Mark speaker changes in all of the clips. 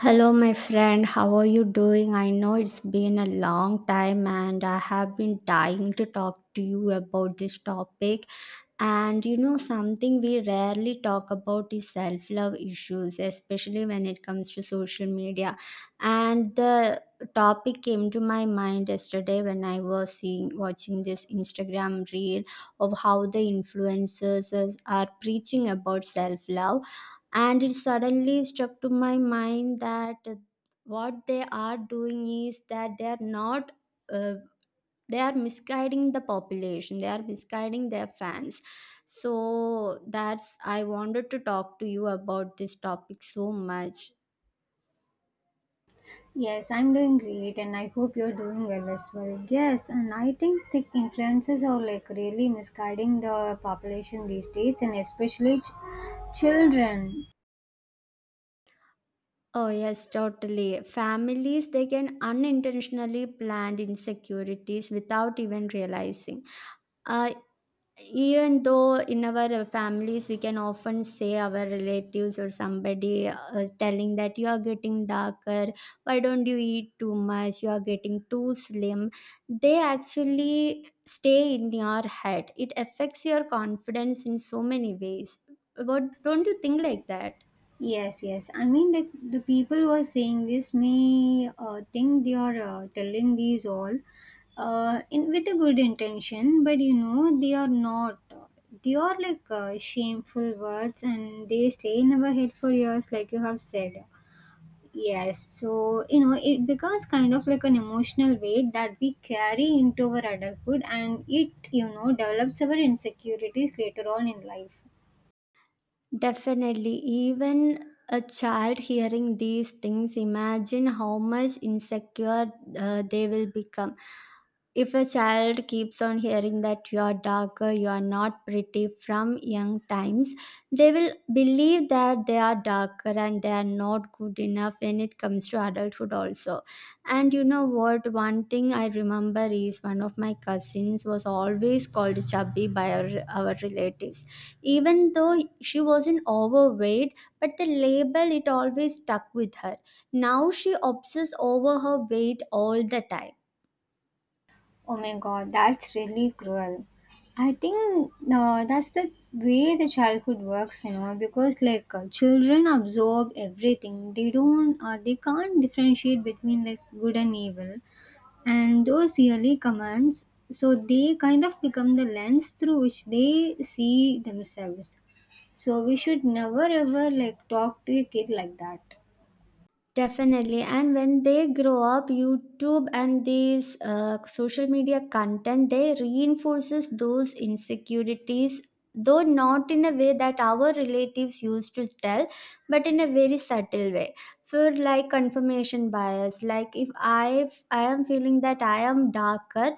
Speaker 1: Hello, my friend. How are you doing? I know it's been a long time and I have been dying to talk to you about this topic. And you know, something we rarely talk about is self love issues, especially when it comes to social media. And the topic came to my mind yesterday when I was seeing, watching this Instagram reel of how the are preaching about self love. And it suddenly struck to my mind that what they are doing is that they are not. Uh, they are misguiding the population, they are misguiding their fans, so that's, I wanted to talk to you about this topic so much.
Speaker 2: Yes, I'm doing great and I hope you're doing well as well. Yes, and I think the influences are like really misguiding the population these days, and especially children.
Speaker 1: Oh yes, totally, families they can unintentionally plant insecurities without even realizing. uh, Even though in our families we can often say our relatives or somebody telling that you are getting darker, why don't you eat too much, you are getting too slim, they actually stay in your head. It affects your confidence in so many ways. What, don't you think like that?
Speaker 2: Yes. I mean, like the people who are saying this may think they are telling these all in with a good intention, but you know, they are not. They are like shameful words, and they stay in our head for years, like you have said. Yes, so you know it becomes kind of like an emotional weight that we carry into our adulthood, and it you know develops our insecurities later on in life.
Speaker 1: Definitely. Even a child hearing these things, imagine how much insecure they will become. If a child keeps on hearing that you are darker, you are not pretty from young times, they will believe that they are darker and they are not good enough when it comes to adulthood, also. And you know what? One thing I remember is one of my cousins was always called chubby by our relatives, even though she wasn't overweight, but the label, it always stuck with her. Now she obsesses over her weight all the time.
Speaker 2: Oh my god, that's really cruel. I think that's the way the childhood works, you know, because like children absorb everything. They don't, they can't differentiate between like good and evil, and those yearly commands, so they kind of become the lens through which they see themselves. So we should never ever like talk to a kid like that.
Speaker 1: Definitely, and when they grow up, YouTube and these social media content, they reinforces those insecurities, though not in a way that our relatives used to tell, but in a very subtle way, for like confirmation bias. Like if I am feeling that I am darker,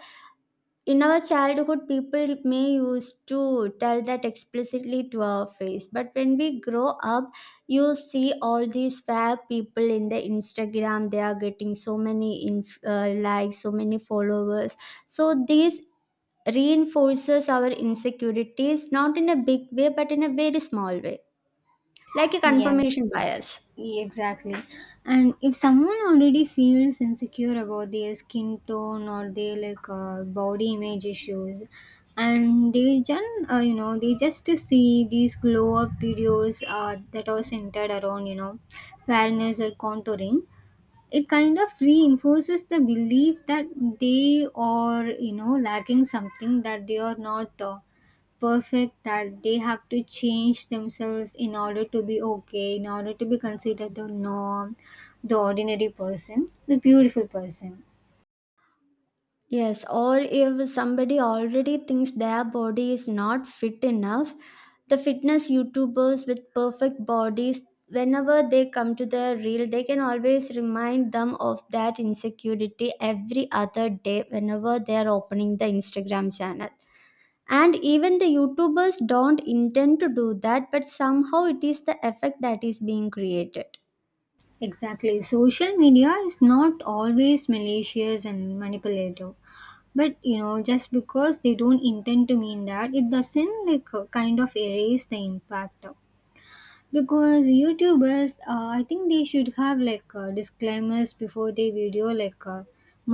Speaker 1: in our childhood people may used to tell that explicitly to our face, but when we grow up, you see all these fab people in the Instagram, they are getting so many likes, so many followers. So this reinforces our insecurities not in a big way but in a very small way, like a confirmation
Speaker 2: Yes,
Speaker 1: bias.
Speaker 2: exactly. And if someone already feels insecure about their skin tone or their like body image issues, and they just you know they just see these glow up videos that are centered around you know fairness or contouring, it kind of reinforces the belief that they are you know lacking something, that they are not perfect, that they have to change themselves in order to be okay, in order to be considered the norm, the ordinary person, the beautiful person.
Speaker 1: Yes, or if somebody already thinks their body is not fit enough, the fitness YouTubers with perfect bodies, whenever they come to the reel, they can always remind them of that insecurity every other day whenever they are opening the Instagram channel. And even the YouTubers don't intend to do that, but somehow it is the effect that is being created.
Speaker 2: Exactly, social media is not always malicious and manipulative, but you know just because they don't intend to mean that, it doesn't like kind of erase the impact. Because youtubers, I think they should have like disclaimers before they video, like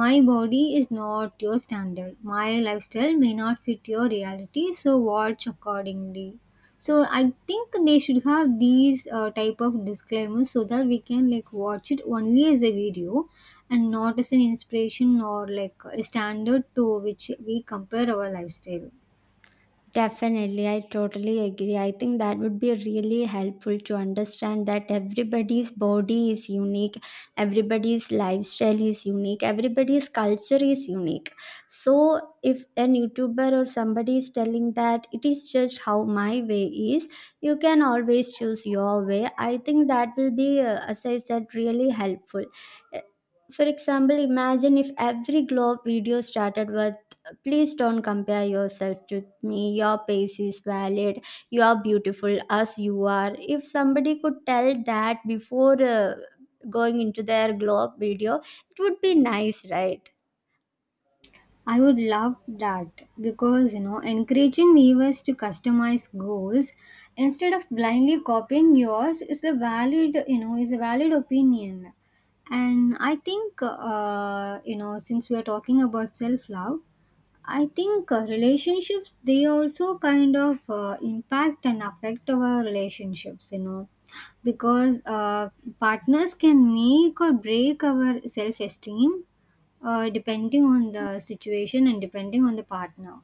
Speaker 2: my body is not your standard, my lifestyle may not fit your reality, so watch accordingly. So I think they should have these type of disclaimers, so that we can like watch it only as a video and not as an inspiration or like a standard to which we compare our lifestyle.
Speaker 1: Definitely, I totally agree. I think that would be really helpful to understand that everybody's body is unique, everybody's lifestyle is unique, everybody's culture is unique. So, if an YouTuber or somebody is telling that it is just how my way is, you can always choose your way. I think that will be, as I said, really helpful. Uh, For example, imagine if every globe video started with, please don't compare yourself to me. Your pace is valid. You are beautiful as you are. If somebody could tell that before going into their glow up video, it would be nice, right?
Speaker 2: I would love that, because you know encouraging viewers to customize goals instead of blindly copying yours is a valid, you know, is a valid opinion. And I think you know since we are talking about self love, I think relationships, they also kind of impact and affect our relationships, you know, because partners can make or break our self esteem, depending on the situation and depending on the partner.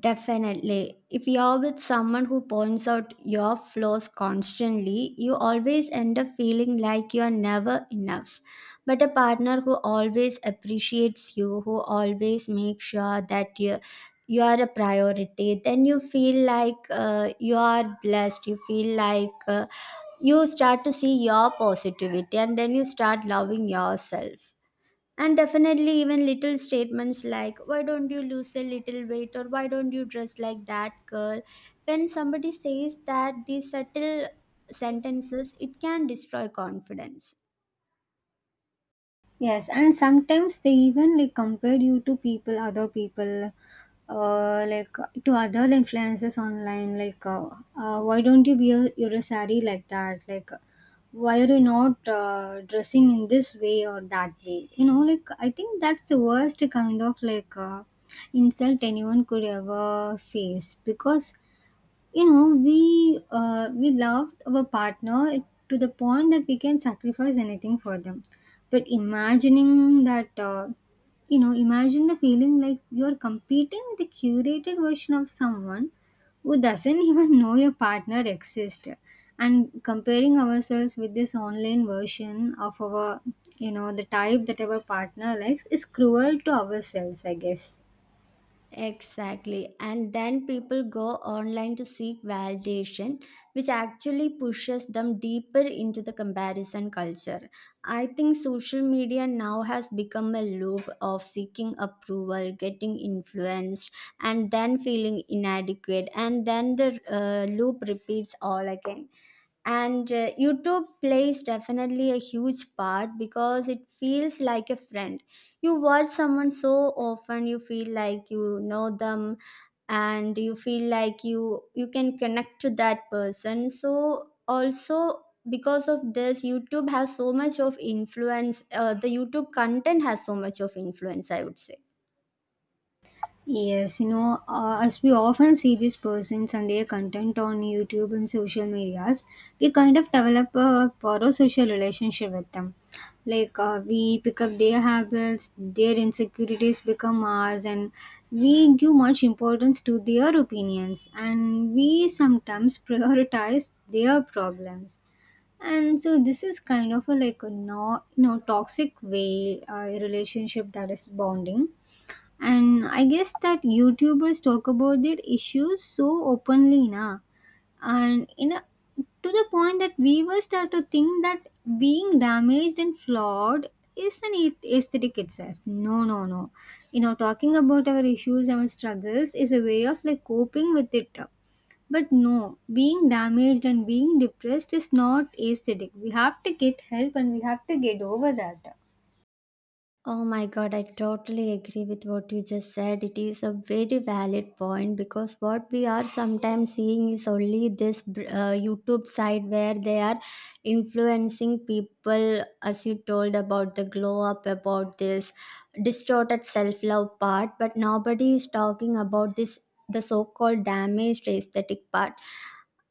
Speaker 1: Definitely. If you're with someone who points out your flaws constantly, you always end up feeling like you're never enough. But a partner who always appreciates you, who always makes sure that you are a priority, then you feel like you are blessed. You feel like you start to see your positivity, and then you start loving yourself. And definitely, even little statements like, why don't you lose a little weight, or why don't you dress like that girl? When somebody says that, these subtle sentences, it can destroy confidence.
Speaker 2: Yes, and sometimes they even like compare you to people, other people, like to other influencers online. Like, why don't you wear your saree like that? Like, why are you not dressing in this way or that way? You know, like I think that's the worst kind of like insult anyone could ever face, because you know we loved our partner to the point that we can sacrifice anything for them. But imagining that, you know, imagine the feeling like you're competing with a curated version of someone who doesn't even know your partner exists, and comparing ourselves with this online version of our, you know, the type that our partner likes, is cruel to ourselves, I guess.
Speaker 1: Exactly. And then people go online to seek validation, which actually pushes them deeper into the comparison culture. I think social media now has become a loop of seeking approval, getting influenced, and then feeling inadequate. And then the loop repeats all again. And YouTube plays definitely a huge part because it feels like a friend. You watch someone so often, you feel like you know them, and you feel like you can connect to that person. So also because of this, YouTube has so much of influence, the YouTube content has so much of influence, I would say.
Speaker 2: Yes, you know, as we often see these persons and their content on YouTube and social medias, we kind of develop a parasocial relationship with them. Like we pick up their habits, their insecurities become ours, and we give much importance to their opinions, and we sometimes prioritize their problems. And so this is kind of a like a no, you know, toxic way relationship that is bonding. And I guess that YouTubers talk about their issues so openly na. And in a, to the point that viewers start to think that being damaged and flawed is an aesthetic itself. No, no, no. You know, talking about our issues, our struggles is a way of like coping with it. But no, being damaged and being depressed is not aesthetic. We have to get help and we have to get over that.
Speaker 1: Oh my god, I totally agree with what you just said. It is a very valid point because what we are sometimes seeing is only this YouTube side where they are influencing people, as you told, about the glow up, about this distorted self love part, but nobody is talking about this, the so called damaged aesthetic part.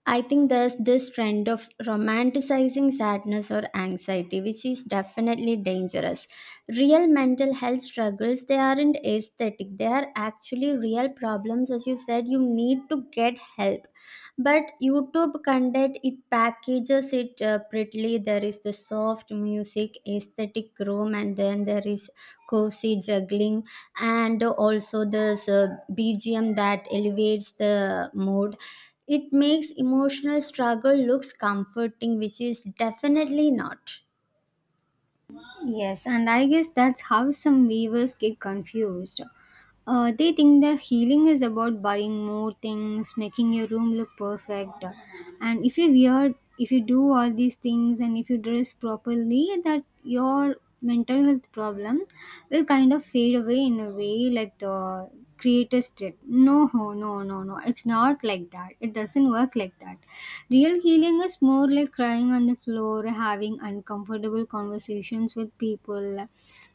Speaker 1: I think there's this trend of romanticizing sadness or anxiety, which is definitely dangerous. Real mental health struggles, they aren't aesthetic, they are actually real problems. As you said, you need to get help. But YouTube content, it packages it prettily. There is the soft music, aesthetic room, and then there is cozy juggling, and also this BGM that elevates the mood. It makes emotional struggle looks comforting, which is definitely not.
Speaker 2: Yes, and I guess that's how some weavers get confused. They think that healing is about buying more things, making your room look perfect, and if you wear, if you do all these things, and if you dress properly, that your mental health problem will kind of fade away in a way like the creators did. No, no, no, no. It's not like that. It doesn't work like that. Real healing is more like crying on the floor, having uncomfortable conversations with people,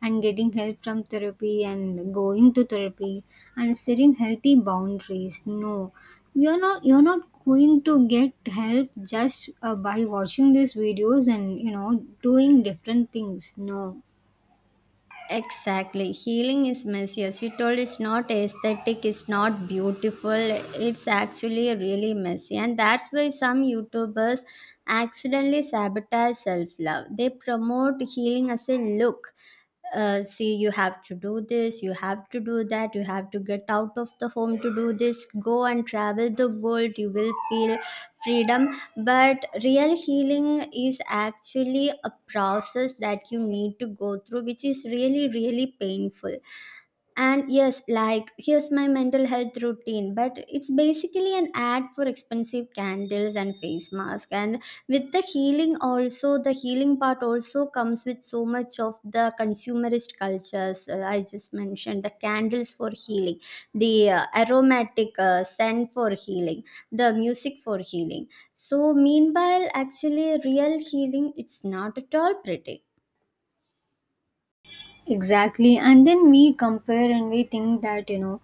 Speaker 2: and getting help from therapy, and going to therapy, and setting healthy boundaries. No, you're not. You're not going to get help just by watching these videos and you know doing different things. No.
Speaker 1: Exactly. Healing is messy. As you told, it's not aesthetic, it's not beautiful. It's actually really messy. And that's why some YouTubers accidentally sabotage self love. They promote healing as a look. Uh, see, you have to do this, you have to do that, you have to get out of the home to do this, go and travel the world, you will feel freedom. But real healing is actually a process that you need to go through, which is really really painful. And yes, like here's my mental health routine, but it's basically an ad for expensive candles and face mask. And with the healing, also the healing part also comes with so much of the consumerist cultures. I just mentioned the candles for healing, the aromatic scent for healing, the music for healing. So meanwhile, actually, real healing, it's not at all pretty.
Speaker 2: Exactly, and then we compare and we think that, you know,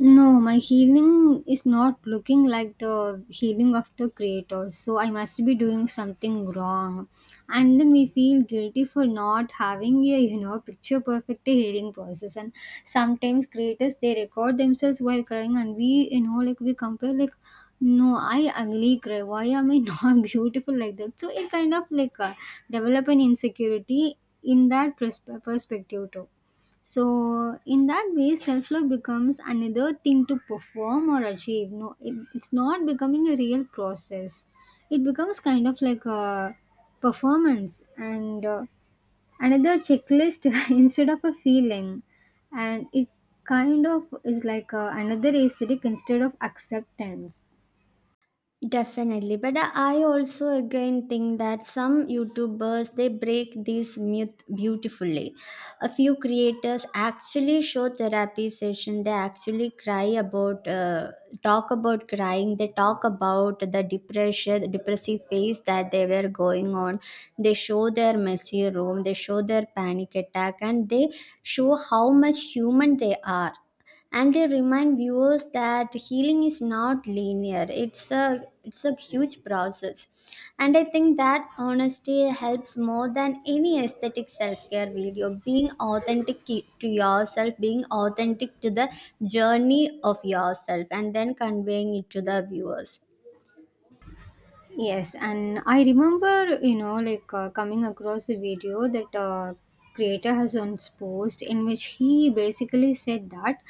Speaker 2: no, my healing is not looking like the healing of the creator, so I must be doing something wrong. And then we feel guilty for not having a you know picture perfect healing process. And sometimes creators they record themselves while crying, and we you know like we compare like, no, I ugly cry. Why am I not beautiful like that? So it kind of like develop an insecurity in that perspective too. So in that way, self-love becomes another thing to perform or achieve. No, it's not becoming a real process. It becomes kind of like a performance, and another checklist instead of a feeling, and it kind of is like another aesthetic instead of acceptance.
Speaker 1: Definitely, but I also again think that some YouTubers, they break this myth beautifully. A few creators actually show therapy session. They actually cry about, talk about crying. They talk about the depression, the depressive phase that they were going on. They show their messy room. They show their panic attack, and they show how much human they are, and they remind viewers that healing is not linear. It's a huge process. And I think that honesty helps more than any aesthetic self-care video. Being authentic to yourself, being authentic to the journey of yourself, and then conveying it to the viewers.
Speaker 2: Yes, and I remember, you know, like coming across a video that creator has once post, in which he basically said that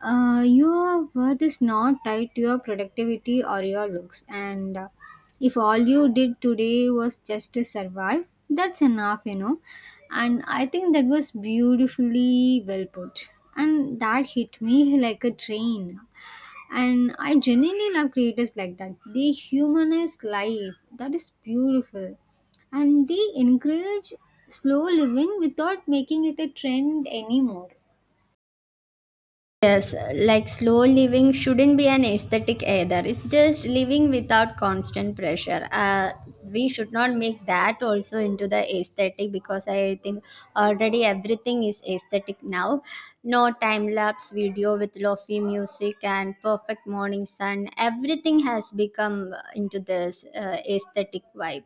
Speaker 2: your worth is not tied to your productivity or your looks, and if all you did today was just to survive, that's enough, you know. And I think that was beautifully well put, and that hit me like a train. And I genuinely love creators like that. They humanize life. That is beautiful. And they encourage slow living without making it a trend anymore.
Speaker 1: Yes, like slow living shouldn't be an aesthetic either. It's just living without constant pressure. We should not make that also into the aesthetic, because I think already everything is aesthetic now. No time lapse video with lofi music and perfect morning sun. Everything has become into this aesthetic vibe.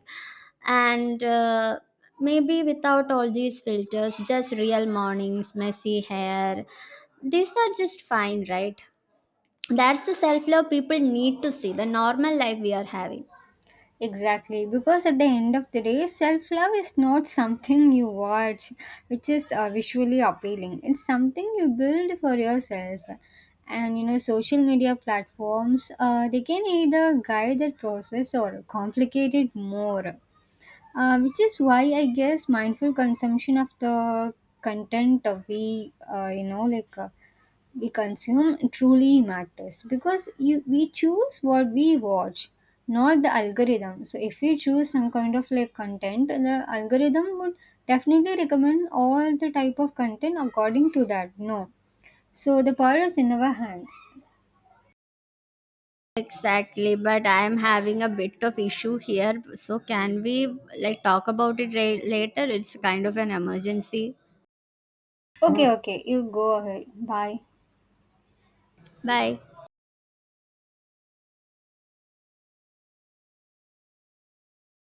Speaker 1: And maybe without all these filters, just real mornings, messy hair, these are just fine, right? That's the self love people need to see, the normal life we are having.
Speaker 2: Exactly, because at the end of the day, self love is not something you watch, which is visually appealing. It's something you build for yourself. And you know, social media platforms, they can either guide that process or complicate it more. Which is why I guess mindful consumption of the content, we you know like we consume, truly matters. Because you we choose what we watch, not the algorithm. So if we choose some kind of like content, the algorithm would definitely recommend all the type of content according to that, no? So the power is in our hands.
Speaker 1: Exactly, but I am having a bit of issue here. So can we like talk about it later? It's kind of an emergency.
Speaker 2: Okay, you go ahead, bye.
Speaker 1: Bye.